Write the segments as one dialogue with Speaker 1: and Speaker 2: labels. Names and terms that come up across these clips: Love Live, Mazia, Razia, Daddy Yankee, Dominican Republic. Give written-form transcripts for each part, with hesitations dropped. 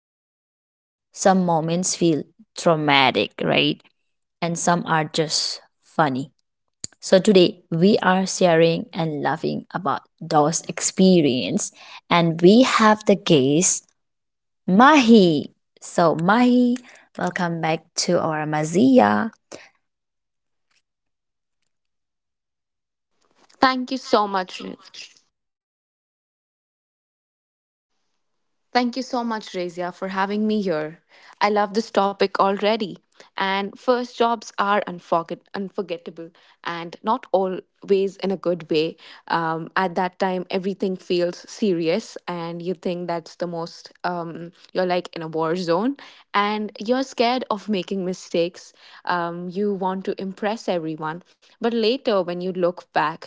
Speaker 1: look back, some moments feel traumatic, right, and some are just funny. So today we are sharing and laughing about those experience, and we have the guest, Mahi. So Mahi, welcome back to our Mazia.
Speaker 2: Thank you so much. Thank you so much, Razia, for having me here. I love this topic already. And first jobs are unforgettable and not always in a good way. At that time, everything feels serious, and you think that's the most, you're like in a war zone, and you're scared of making mistakes. You want to impress everyone. But later, when you look back,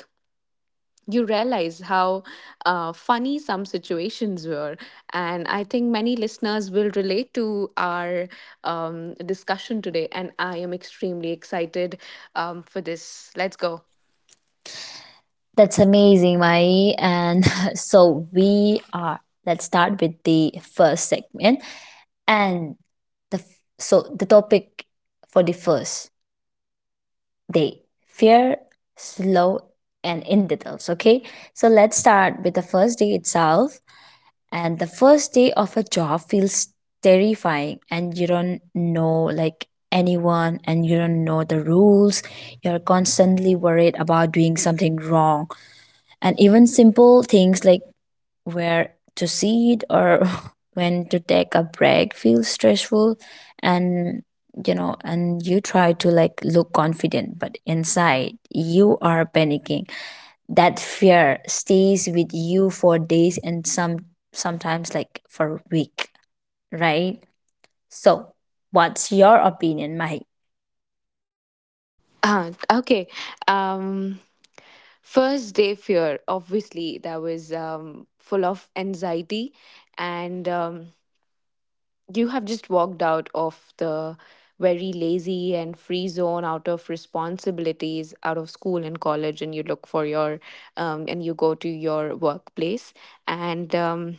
Speaker 2: you realize how funny some situations were. And I think many listeners will relate to our discussion today. And I am extremely excited for this. Let's go.
Speaker 1: That's amazing, Mahi. And so we are let's start with the first segment. And so the topic for the first day fear, slow and in details, okay. So let's start with the first day itself. And the first day of a job feels terrifying, and you don't know like anyone and you don't know the rules. You're constantly worried about doing something wrong, and even simple things like where to sit or when to take a break feels stressful. And you know and you try to like look confident but inside you are panicking. That fear stays with you for days, and sometimes like for a week, right? So what's your opinion, Mahi?
Speaker 2: Okay. Um, First day fear, obviously, that was full of anxiety. And. You have just walked out of the very lazy and free zone, out of responsibilities, out of school and college, and you look for your and you go to your workplace, and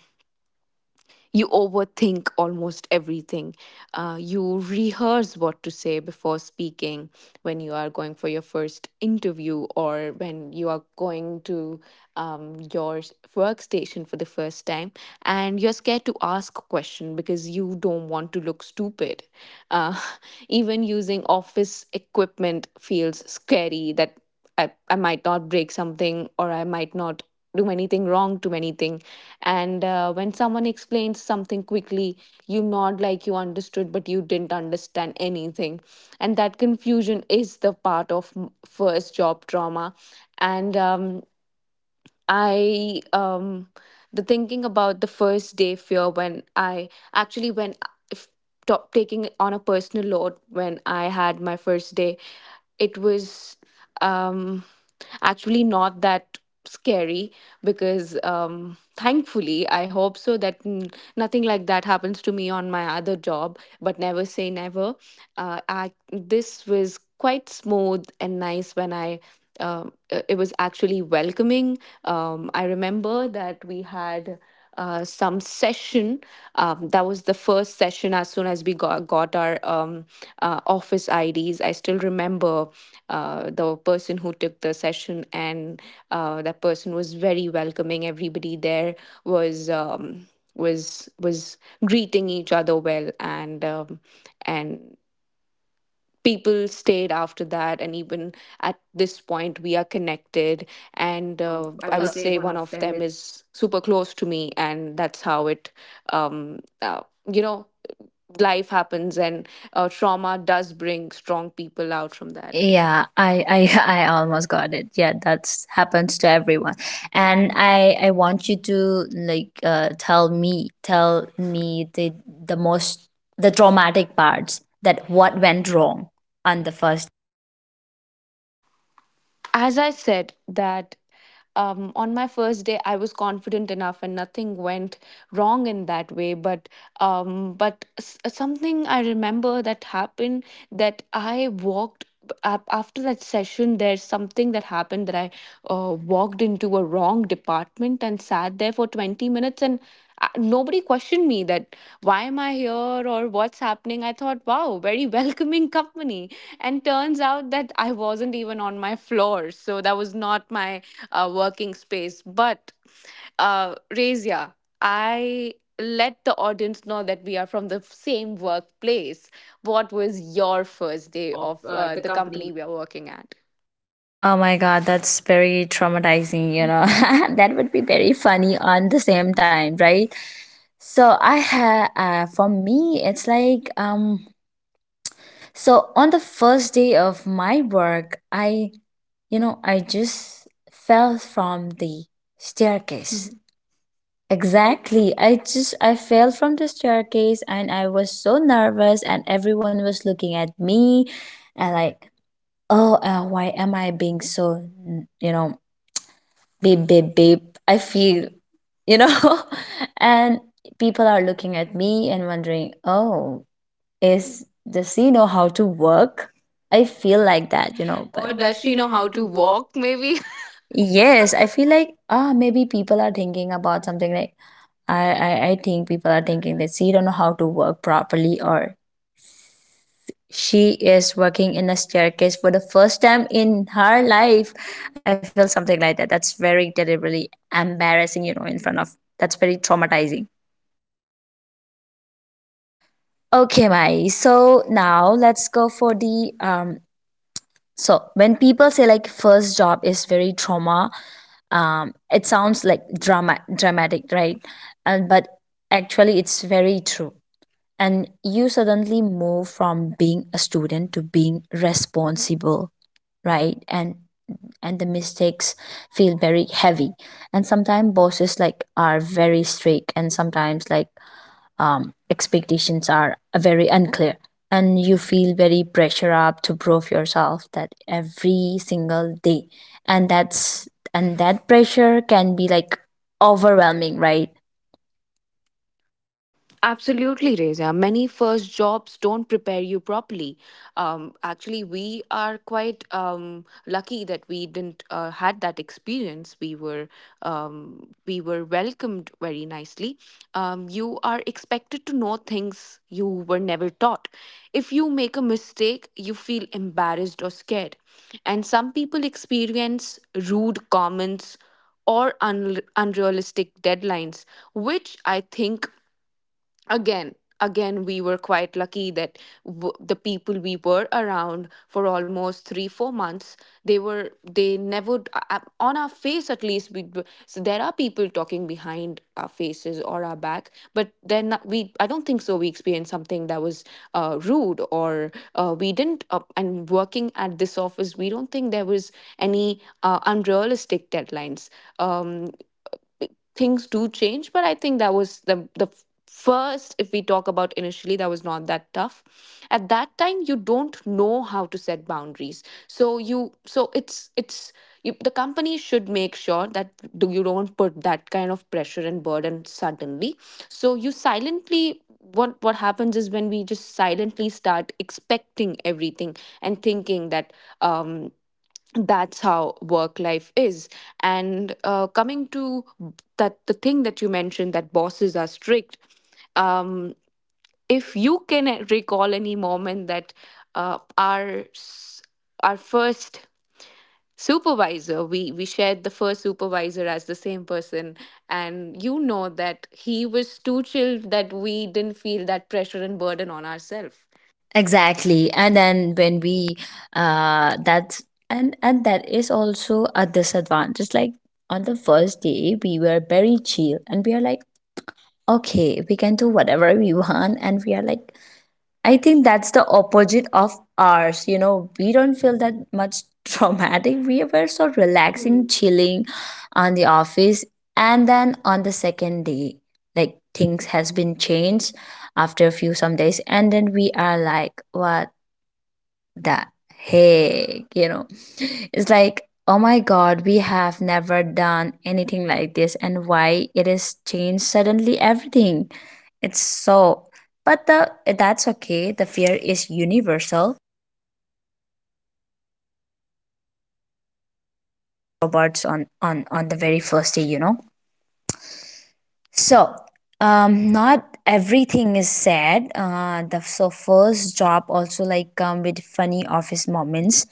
Speaker 2: you overthink almost everything. You rehearse what to say before speaking when you are going for your first interview, or when you are going to your workstation for the first time. And you're scared to ask a question because you don't want to look stupid. Uh, even using office equipment feels scary, that I might not break something, or I might not do anything wrong to anything. And when someone explains something quickly, you nod like you understood, but you didn't understand anything. And that confusion is the part of first job trauma. And I the thinking about the first day fear, when I actually, when if top taking on a personal load, when I had my first day, it was um actually not that scary because thankfully, I hope so, that nothing like that happens to me on my other job, but never say never. I This was quite smooth and nice when I it was actually welcoming. I remember that we had some session. That was the first session as soon as we got our office IDs. I still remember the person who took the session, and that person was very welcoming. Everybody there was. Was greeting each other well, and and people stayed after that. And even at this point we are connected, and
Speaker 1: No, I
Speaker 2: I
Speaker 1: would,
Speaker 2: would
Speaker 1: say
Speaker 2: say
Speaker 1: one
Speaker 2: one
Speaker 1: of
Speaker 2: of
Speaker 1: them is
Speaker 2: them
Speaker 1: that.
Speaker 2: is super close to me, and that's how it um uh, you know, life happens, and trauma does bring strong people out from that.
Speaker 1: Yeah, I I almost got it. Yeah, that's happens to everyone. And I want you to like tell me the most the traumatic parts, that what went wrong on the first
Speaker 2: As I said, that on my first day I was confident enough and nothing went wrong in that way. But something I remember that happened, that I walked up after that session, there's something that happened, that I walked into a wrong department and sat there for 20 minutes, and nobody questioned me that why am I here or what's happening. I thought, wow, very welcoming company. And turns out that I wasn't even on my floor, so that was not my working space. But Razia, I, let the audience know that we are from the same workplace. What was your first day
Speaker 1: of,
Speaker 2: of
Speaker 1: the
Speaker 2: the
Speaker 1: company.
Speaker 2: company we are working at?
Speaker 1: Oh my god, that's very traumatizing, you know. That would be very funny on the same time, right? So I have, for me it's like, so on the first day of my work, I just fell from the staircase. Mhm. Exactly. I fell from the staircase and I was so nervous and everyone was looking at me, and like, oh, why am I being so, you know beep, beep, beep. I feel, you know, and people are looking at me and wondering, oh, is, does she know how to work? I feel like that, you know, but
Speaker 2: Or
Speaker 1: or does
Speaker 2: does
Speaker 1: she
Speaker 2: she
Speaker 1: know
Speaker 2: know
Speaker 1: how
Speaker 2: how
Speaker 1: to
Speaker 2: to
Speaker 1: walk?
Speaker 2: walk, maybe?
Speaker 1: Yes, I feel like, ah, maybe people are thinking about something like I think people are thinking that she don't know how to work properly, or she is working in a staircase for the first time in her life. I feel something like that. That's very terribly embarrassing, you know, in front of that's very traumatizing. Okay, Mai. So now let's go for the. So when people say like first job is very trauma, it sounds like dramatic, right? And but actually, it's very true. And you suddenly move from being a student to being responsible, right? And the mistakes feel very heavy, and sometimes bosses like are very strict, and sometimes like, expectations are very unclear, and you feel very pressure up to prove yourself that every single day. And that's and that pressure can be like overwhelming, right?
Speaker 2: Absolutely, Reza. Many first jobs don't prepare you properly. Actually, we are quite lucky that we didn't had that experience. We were welcomed very nicely. You are expected to know things you were never taught. If you make a mistake, you feel embarrassed or scared, and some people experience rude comments or unrealistic deadlines, which I think again again we were quite lucky that the people we were around for almost 3 4 months, they never on our face, at least, we so there are people talking behind our faces or our back, but then not, we, I don't think so we experienced something that was rude or we didn't and working at this office, we don't think there was any unrealistic deadlines. um b- Things do change, but I think that was the first, if we talk about initially, that was not that tough. At that time, you don't know how to set boundaries, so you so it's you, the company should make sure that do, you don't put that kind of pressure and burden suddenly. So you silently, what happens is when we just silently start expecting everything and thinking that um that's how work life is. And coming to that, the thing that you mentioned that bosses are strict, um, if you can recall any moment that uh, our s- our first supervisor, we shared the first supervisor as the same person, and you know that he was too chill that we didn't feel that pressure and burden on ourselves.
Speaker 1: Exactly. And then when we, that's and that is also a disadvantage. Like on the first day we were very chill and we are like, okay, we can do whatever we want, and we are like, I think that's the opposite of ours, you know. We don't feel that much traumatic. We were so relaxing, chilling on the office, and then on the second day, like things has been changed after a few some days, and then we are like, what that, hey, it's like, oh my god, we have never done anything like this, and why it is changed suddenly everything. It's so. But the that's okay, the fear is universal robots on the very first day. So, not everything is sad. The so first job also like come with funny office moments,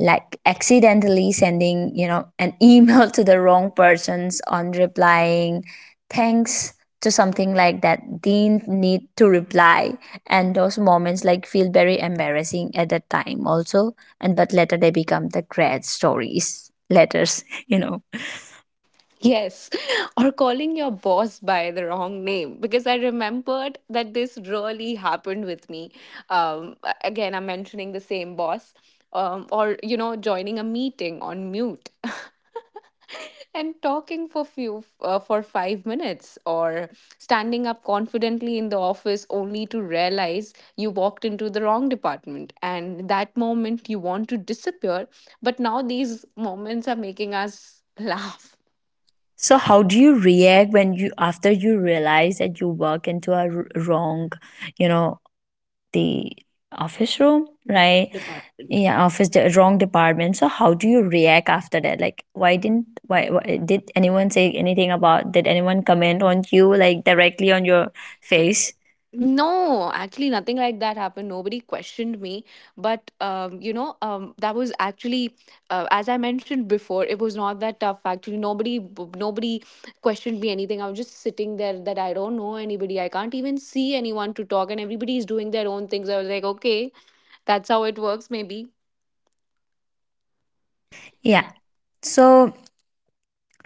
Speaker 1: like accidentally sending, an email to the wrong persons, on replying, thanks to something like that didn't need to reply, and those moments like feel very embarrassing at that time also, and but later they become the grad stories letters, .
Speaker 2: Yes, or calling your boss by the wrong name, because I remembered that this really happened with me. Again, I'm mentioning the same boss, or you know, joining a meeting on mute and talking for few for 5 minutes, or standing up confidently in the office only to realize you walked into the wrong department, and that moment you want to disappear, but now these moments are making us laugh.
Speaker 1: So how do you react when you after you realize that you walk into a wrong, you know, the office room, right? Department. Yeah, office, the wrong department. So how do you react after that? Like why didn't, why did anyone say anything about, did anyone comment on you like directly on your face?
Speaker 2: No, actually, nothing like that happened. Nobody questioned me. But, you know, that was actually, as I mentioned before, it was not that tough. Actually, nobody, nobody questioned me anything. I was just sitting there, that I don't know anybody. I can't even see anyone to talk, and everybody is doing their own things. I was like, okay, that's how it works, maybe.
Speaker 1: Yeah. So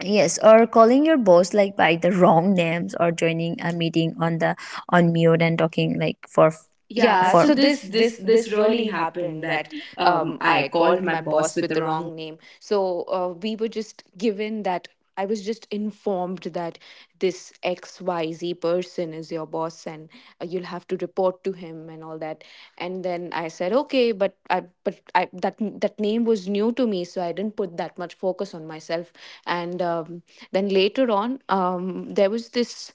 Speaker 1: yes, or calling your boss like by the wrong names, or joining a meeting on the on mute and talking like for, yeah.
Speaker 2: Yeah,
Speaker 1: So for
Speaker 2: so
Speaker 1: this
Speaker 2: this
Speaker 1: this
Speaker 2: this
Speaker 1: this
Speaker 2: this
Speaker 1: really
Speaker 2: really
Speaker 1: happened
Speaker 2: happened,
Speaker 1: that,
Speaker 2: that um,
Speaker 1: I
Speaker 2: I
Speaker 1: called
Speaker 2: called
Speaker 1: my
Speaker 2: my
Speaker 1: boss
Speaker 2: boss
Speaker 1: with
Speaker 2: with
Speaker 1: the
Speaker 2: the
Speaker 1: wrong.
Speaker 2: wrong name. So we were just given that, I was just informed that this XYZ person is your boss, and you'll have to report to him and all that. And then I said okay, but I that that name was new to me, so I didn't put that much focus on myself. And then later on, there was this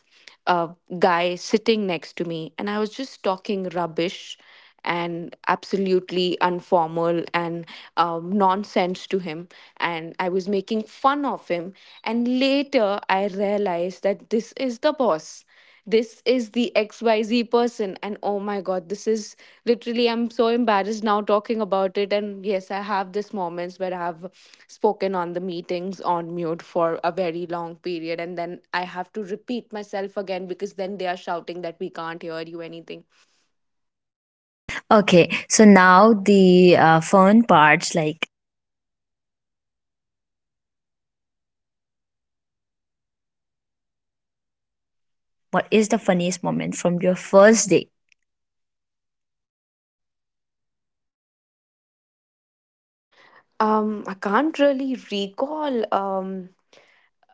Speaker 2: uh, guy sitting next to me, and I was just talking rubbish and absolutely unformal and nonsense to him, and I was making fun of him. And later, I realized that this is the boss. This is the XYZ person. And oh my God, this is literally, I'm so embarrassed now talking about it. And yes, I have these moments where I've spoken on the meetings on mute for a very long period, and then I have to repeat myself again, because then they are shouting that we can't hear you anything.
Speaker 1: Okay, so now the, fun parts, like what is the funniest moment from your first day?
Speaker 2: I can't really recall.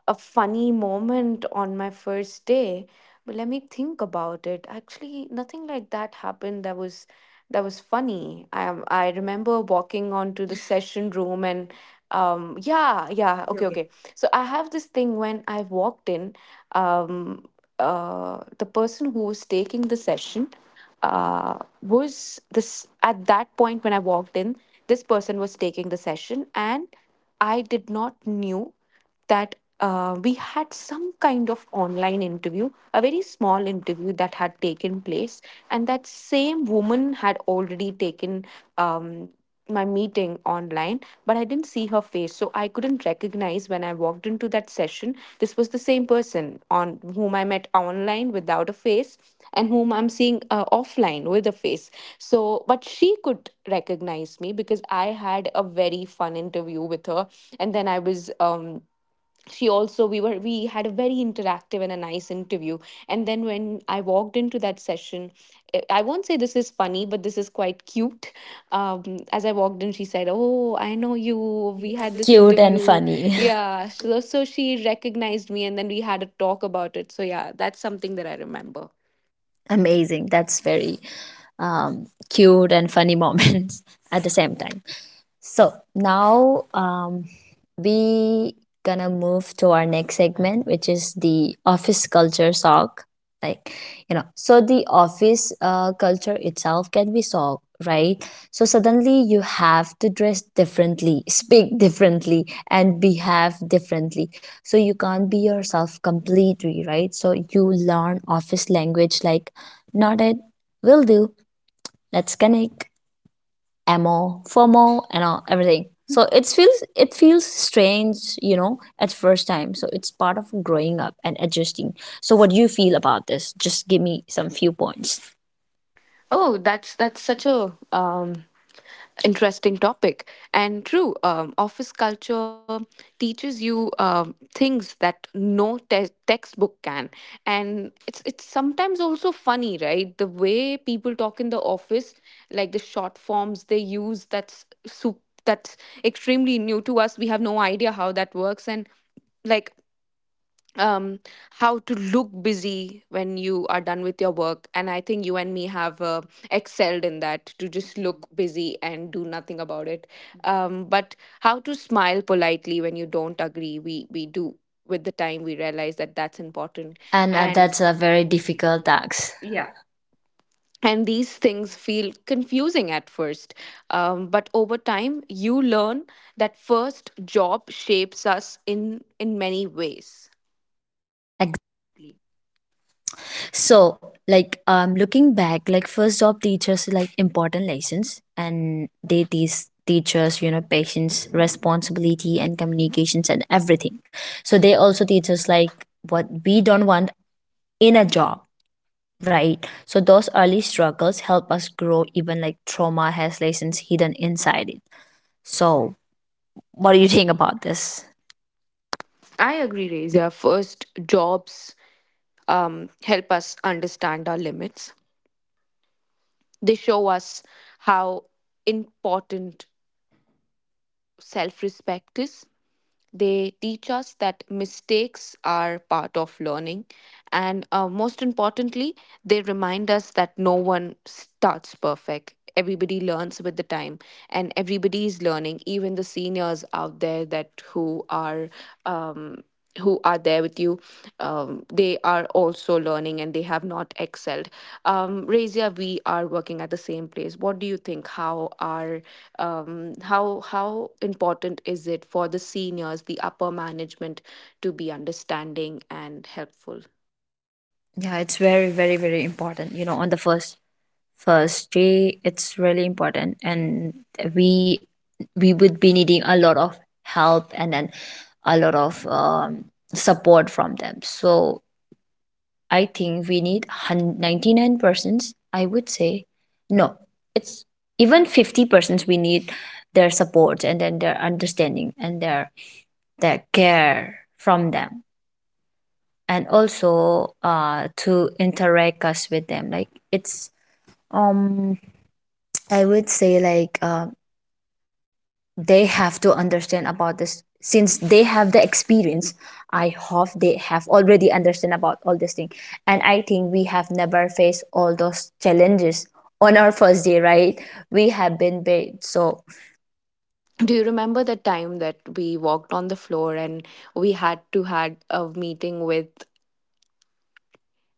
Speaker 2: A funny moment on my first day. But let me think about it. Actually, nothing like that happened that was funny. I remember walking onto the session room, and yeah, yeah,
Speaker 1: Okay,
Speaker 2: okay,
Speaker 1: okay.
Speaker 2: okay. So I have this thing. When I walked in, um the person who was taking the session was this, at that point when I walked in, this person was taking the session, and I did not knew that we had some kind of online interview, a very small interview, that had taken place, and that same woman had already taken um, my meeting online, but I didn't see her face, so I couldn't recognize, when I walked into that session, this was the same person on whom I met online without a face, and whom I'm seeing offline with a face. So, but she could recognize me because I had a very fun interview with her. And then I was she also, we had a very interactive and a nice interview. And then when I walked into that session, eh, I won't say this is funny, but this is quite cute. Um, as I walked in, she said, oh, I know you, we had this, you were very
Speaker 1: Cute and
Speaker 2: interview funny.
Speaker 1: funny.
Speaker 2: Yeah, so she recognized me, and then we had a talk about it. So yeah, that's something that I remember.
Speaker 1: Amazing. That's very, cute and funny moments at the same time. So now, we gonna move to our next segment, which is the office culture shock. Like, so the office, culture itself can be shock, right? So suddenly you have to dress differently, speak differently, and behave differently. So you can't be yourself completely, right? So you learn office language like, not it, will do. Let's connect, emo, FOMO, and all everything. So it feels strange, at first time. So it's part of growing up and adjusting. So what do you feel about this? Just give me some few points.
Speaker 2: Oh, that's such a interesting topic, and true. Office culture teaches you things that no textbook can. And it's sometimes also funny, right? The way people talk in the office, like the short forms they use, that's extremely new to us. We have no idea how that works. And like um how to look busy when you are done with your work. And I think you and me have excelled in that, to just look busy and do nothing about it. But how to smile politely when you don't agree, we do. With the time we realize that that's important.
Speaker 1: And,
Speaker 2: And
Speaker 1: that's a very difficult task. Yeah.
Speaker 2: these things feel confusing at first, but over time you learn that first job shapes us in many ways.
Speaker 1: Ag- So like, looking back, like first job teachers like important lessons, and they teach teachers, you know, patience, responsibility and communications and everything. So they also teach us like what we don't want in a job, right? So those early struggles help us grow, even like trauma has lessons hidden inside it. So what do you think about this?
Speaker 2: I agree, Razia. First, jobs help us understand our limits. They show us how important self respect is. They teach us that mistakes are part of learning. And most importantly, they remind us that no one starts perfect. Everybody learns with the time, and everybody is learning, even the seniors out there that who are. Um, who are there with you, they are also learning and they have not excelled. Razia, we are working at the same place. What do you think, how are how important is it for the seniors, the upper management, to be understanding and helpful?
Speaker 1: Yeah, it's very, very, very important, you know, on the first first day it's really important, and we we would be needing a lot of help, and then a lot of, support from them. So I think we need, 99%. I would say no. It's even 50% we need, their support and then their understanding and their care from them. And also, to interact us with them, like it's, um I would say like, they have to understand about this since they have the experience. I hope they have already understand about all this thing. And I think we have never faced all those challenges on our first day, right? We have been bait, so.
Speaker 2: Do you remember the time that we walked on the floor, and we had to had a meeting with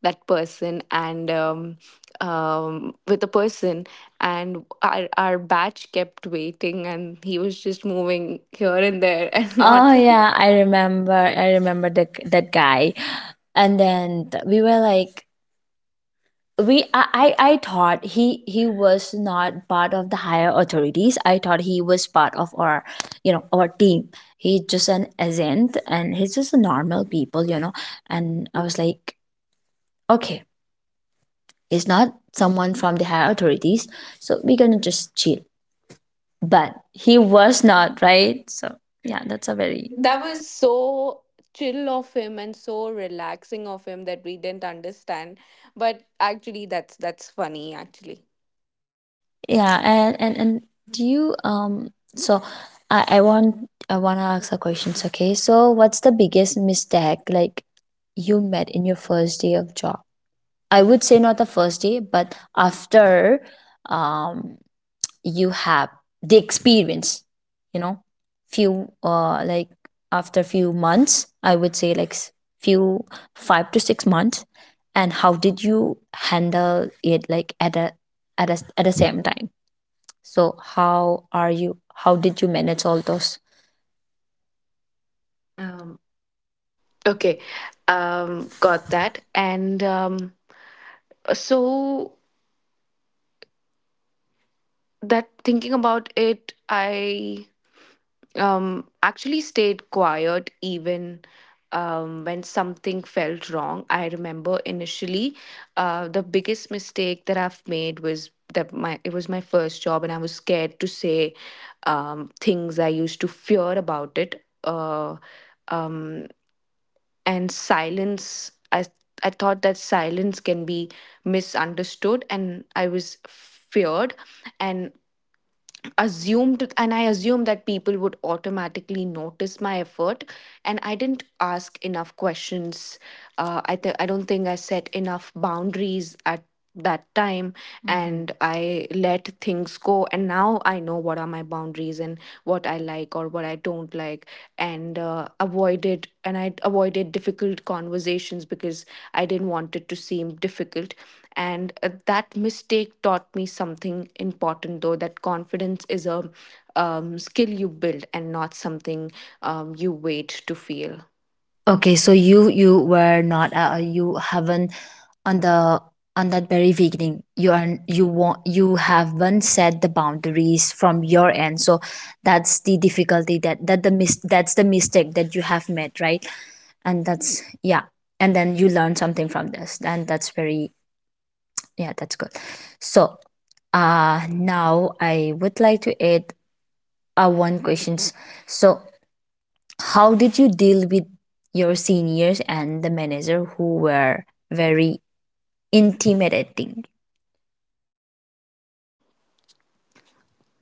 Speaker 2: that person, and with the person, and our batch kept waiting, and he was just moving
Speaker 1: Here
Speaker 2: here
Speaker 1: and
Speaker 2: and there,
Speaker 1: there.
Speaker 2: and not.
Speaker 1: Oh
Speaker 2: Ah,
Speaker 1: yeah, I remember that guy. And then we were like, we I thought he was not part of the higher authorities. I thought he was part of our you know our team. He's just an agent and he's just a normal people, you know. And I was like, okay, he's not someone from the higher authorities, so we're gonna just chill. But he was not, right? So yeah, that's a very.
Speaker 2: that was so chill of him and so relaxing of him that we didn't understand. But actually, that's funny actually.
Speaker 1: Yeah. And, and do you, so I I want I want to ask a question. Okay, so what's the biggest mistake like you met in your first day of job? I would say not the first day, but after, um you have the experience, you know, few, like after few months, I would say like, few 5 to 6 months, and how did you handle it like at the same time? So how are you? How did you manage all those? Um, okay,
Speaker 2: Okay,
Speaker 1: got
Speaker 2: got
Speaker 1: that.
Speaker 2: that. And so, that thinking about it, I actually stayed quiet even when something felt wrong. I remember initially, the biggest mistake that I've made was that my, it was my first job and I was scared to say things. I used to fear about it. Um, and silence, I thought that silence can be misunderstood, and I was feared, and assumed and I assumed that people would automatically notice my effort, and I didn't ask enough questions. I think I don't think I set enough boundaries at that time, and I let things go. And now I know what are my boundaries, and what I like or what I don't like. And avoided and I avoided difficult conversations because I didn't want it to seem difficult. And that mistake taught me something important though, that confidence is a skill you build and not something you wait to feel.
Speaker 1: Okay, so you were not, you haven't, on the on that very beginning you are, you haven't set the boundaries from your end. So that's the difficulty that the that's the mistake that you have made, right? And that's, yeah, and then you learn something from this, and that's very. Yeah, that's good. So, now I would like to add, one questions. So how did you deal with your seniors and the manager who were very intimidating?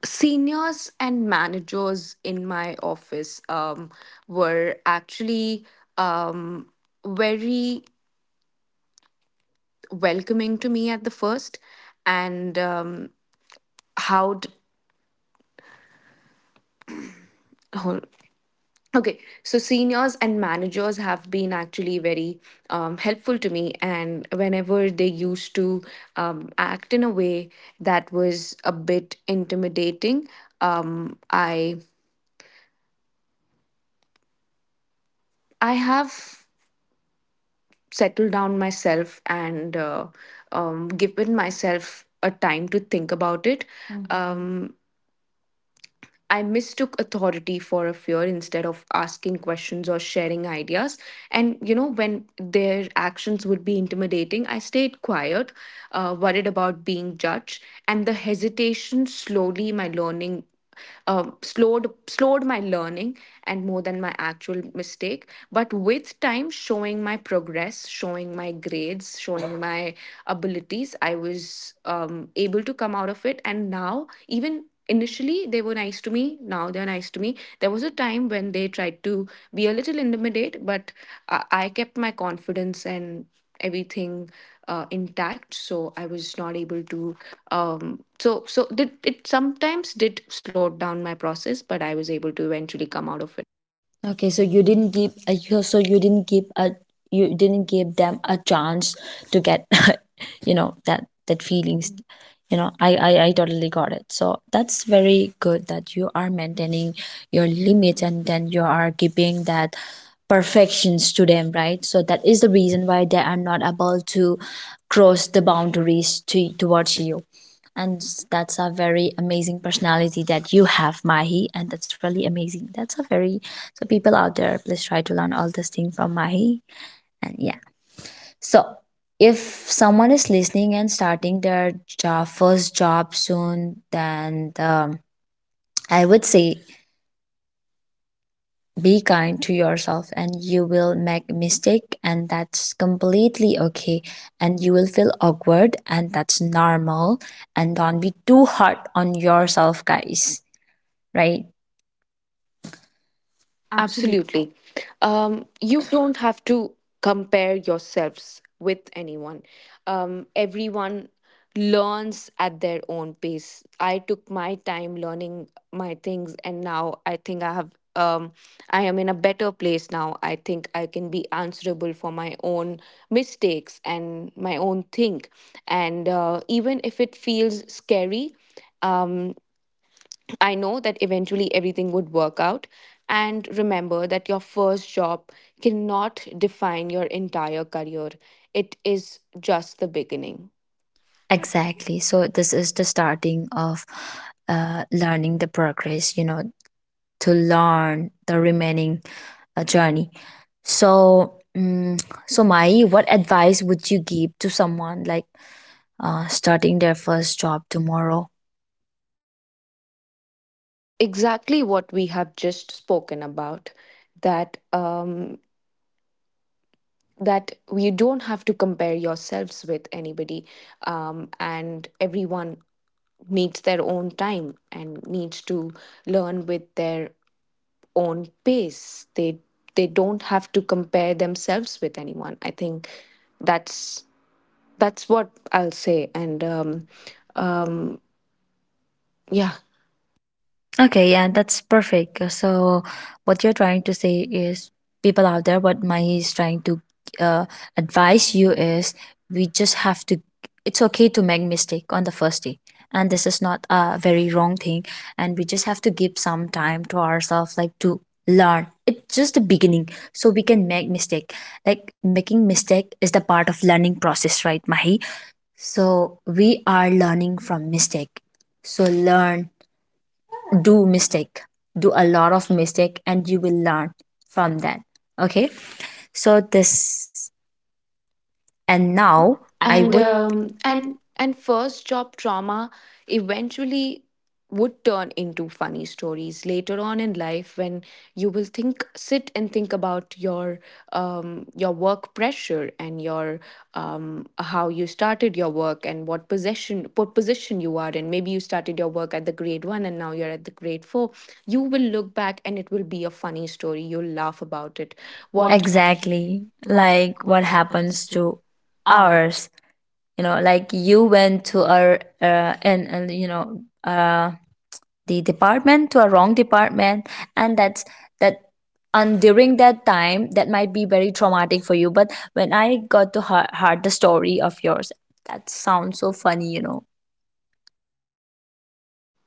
Speaker 2: Seniors and managers in my office were actually um, very welcoming to me at the first. And how d- hol- Okay, so seniors and managers have been actually very helpful to me, and whenever they used to act in a way that was a bit intimidating, um, I I have settled down myself and given myself a time to think about it. Um, I mistook authority for a fear instead of asking questions or sharing ideas. And, you know, when their actions would be intimidating, I stayed quiet, worried about being judged. And the hesitation slowly, my learning slowed my learning, and more than my actual mistake. But with time, showing my progress, showing my grades, showing my abilities, I was able to come out of it. And now, even initially they were nice to me, now they're nice to me. There was a time when they tried to be a little intimidate, but I kept my confidence and everything intact, so I was not able to did it sometimes did slow down my process, but I was able to eventually come out of.
Speaker 1: Okay, so you didn't give, you didn't give a you didn't give them a chance to get you know, that feelings, you know. I totally got it. So that's very good that you are maintaining your limit, and then you are keeping that perfections to them, right? So that is the reason why they are not able to cross the boundaries, to towards you. And that's a very amazing personality that you have, Mahi, and that's really amazing. That's a very So people out there, please try to learn all this thing from Mahi. And yeah. So if someone is listening and starting their job first job soon, then, I would say, be kind to yourself and you will make mistake, and that's completely okay, and you will feel awkward and that's normal, and don't be too hard on yourself, guys, right? Absolutely.
Speaker 2: Absolutely. You don't have to compare yourselves with anyone. Everyone learns at their own pace. I took my time learning my things, and now I think I have. I am in a better place now. I think I can be answerable for my own mistakes and my own thing. And even if it feels scary, um, I know that eventually everything would work out. And remember that your first job cannot define your entire career, it is just the beginning.
Speaker 1: Exactly. So this is the starting of, learning the progress, you know, to learn the remaining, journey. So, so Mai, what advice would you give to someone like, starting their first job tomorrow?
Speaker 2: Exactly what we have just spoken about, that that you don't have to compare yourselves with anybody, and everyone needs their own time and needs to learn with their own pace. They don't have to compare themselves with anyone. I think that's that's what I'll say. And yeah,
Speaker 1: Okay, yeah, that's perfect. So what you're trying to say is, people out there, what Mai is trying to, uh, advise you is, we just have to. It's okay to make mistake on the first day, and this is not a very wrong thing. And we just have to give some time to ourselves, like to learn. It's just the beginning, so we can make mistake. Like, making mistake is the part of learning process, right, Mahi? So we are learning from mistake. So learn, do mistake, do a lot of mistake and you will learn from that, okay. So this, and now, I And
Speaker 2: and
Speaker 1: would and
Speaker 2: and first job trauma eventually would turn into funny stories later on in life, when you will think, sit and think about your work pressure and your how you started your work and what position you are in. Maybe you started your work at the grade 1 and now you're at the grade 4. You will look back and it will be a funny story, you'll laugh about it.
Speaker 1: what?
Speaker 2: What?
Speaker 1: Exactly, like what happens to ours, like you went to our, and the department, to a wrong department. And that's that, and during that time that might be very traumatic for you, but when I got to hear the story of yours, that sounds so funny, you know.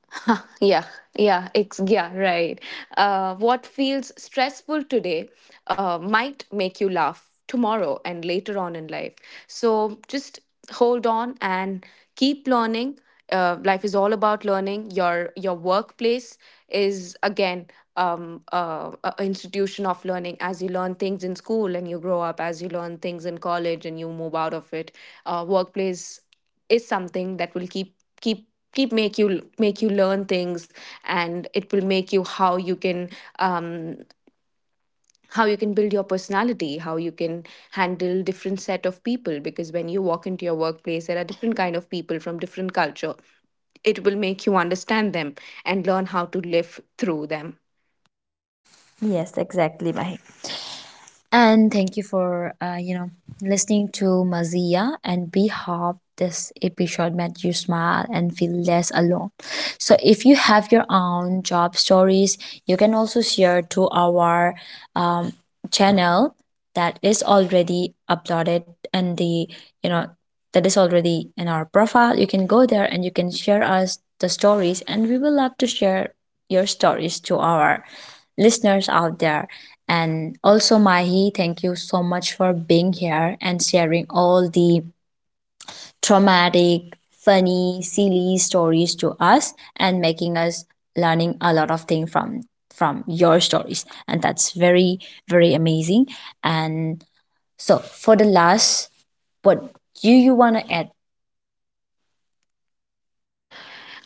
Speaker 2: Huh, yeah, yeah, right. What feels stressful today might make you laugh tomorrow and later on in life. So just hold on and keep learning. Life is all about learning. Your workplace is again, um a institution of learning. As you learn things in school and you grow up, as you learn things in college and you move out of it, workplace is something that will keep make you learn things. And it will make you um how you can build your personality, how you can handle different set of people. Because when you walk into your workplace, there are different kind of people from different culture. It will make you understand them and learn how to live through them.
Speaker 1: Yes, exactly, Mahi. And thank you for, listening to Mazia, and we hope this episode made you smile and feel less alone. So if you have your own job stories, you can also share to our, um, channel that is already uploaded, and the you know that is already in our profile. You can go there and you can share us the stories, and we will love to share your stories to our listeners out there. And also, Mahi, thank you so much for being here and sharing all the traumatic, funny, silly stories to us and making us learning a lot of things from your stories, and that's very, very amazing. And so for the last, what do you want to add?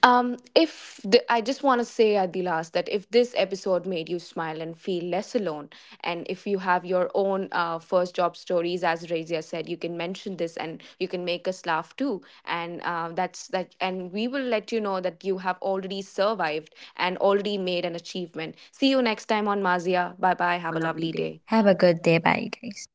Speaker 2: If the, I just want to say at the last that if this episode made you smile and feel less alone, and if you have your own first job stories, as Razia said, you can mention this and you can make us laugh too. And that's that, and we will let you know that you have already survived and already made an achievement. See you next time on Mazia. Bye
Speaker 1: I
Speaker 2: bye.
Speaker 1: have a
Speaker 2: Have a
Speaker 1: lovely
Speaker 2: lovely
Speaker 1: day.
Speaker 2: day.
Speaker 1: Have a good day, bye guys.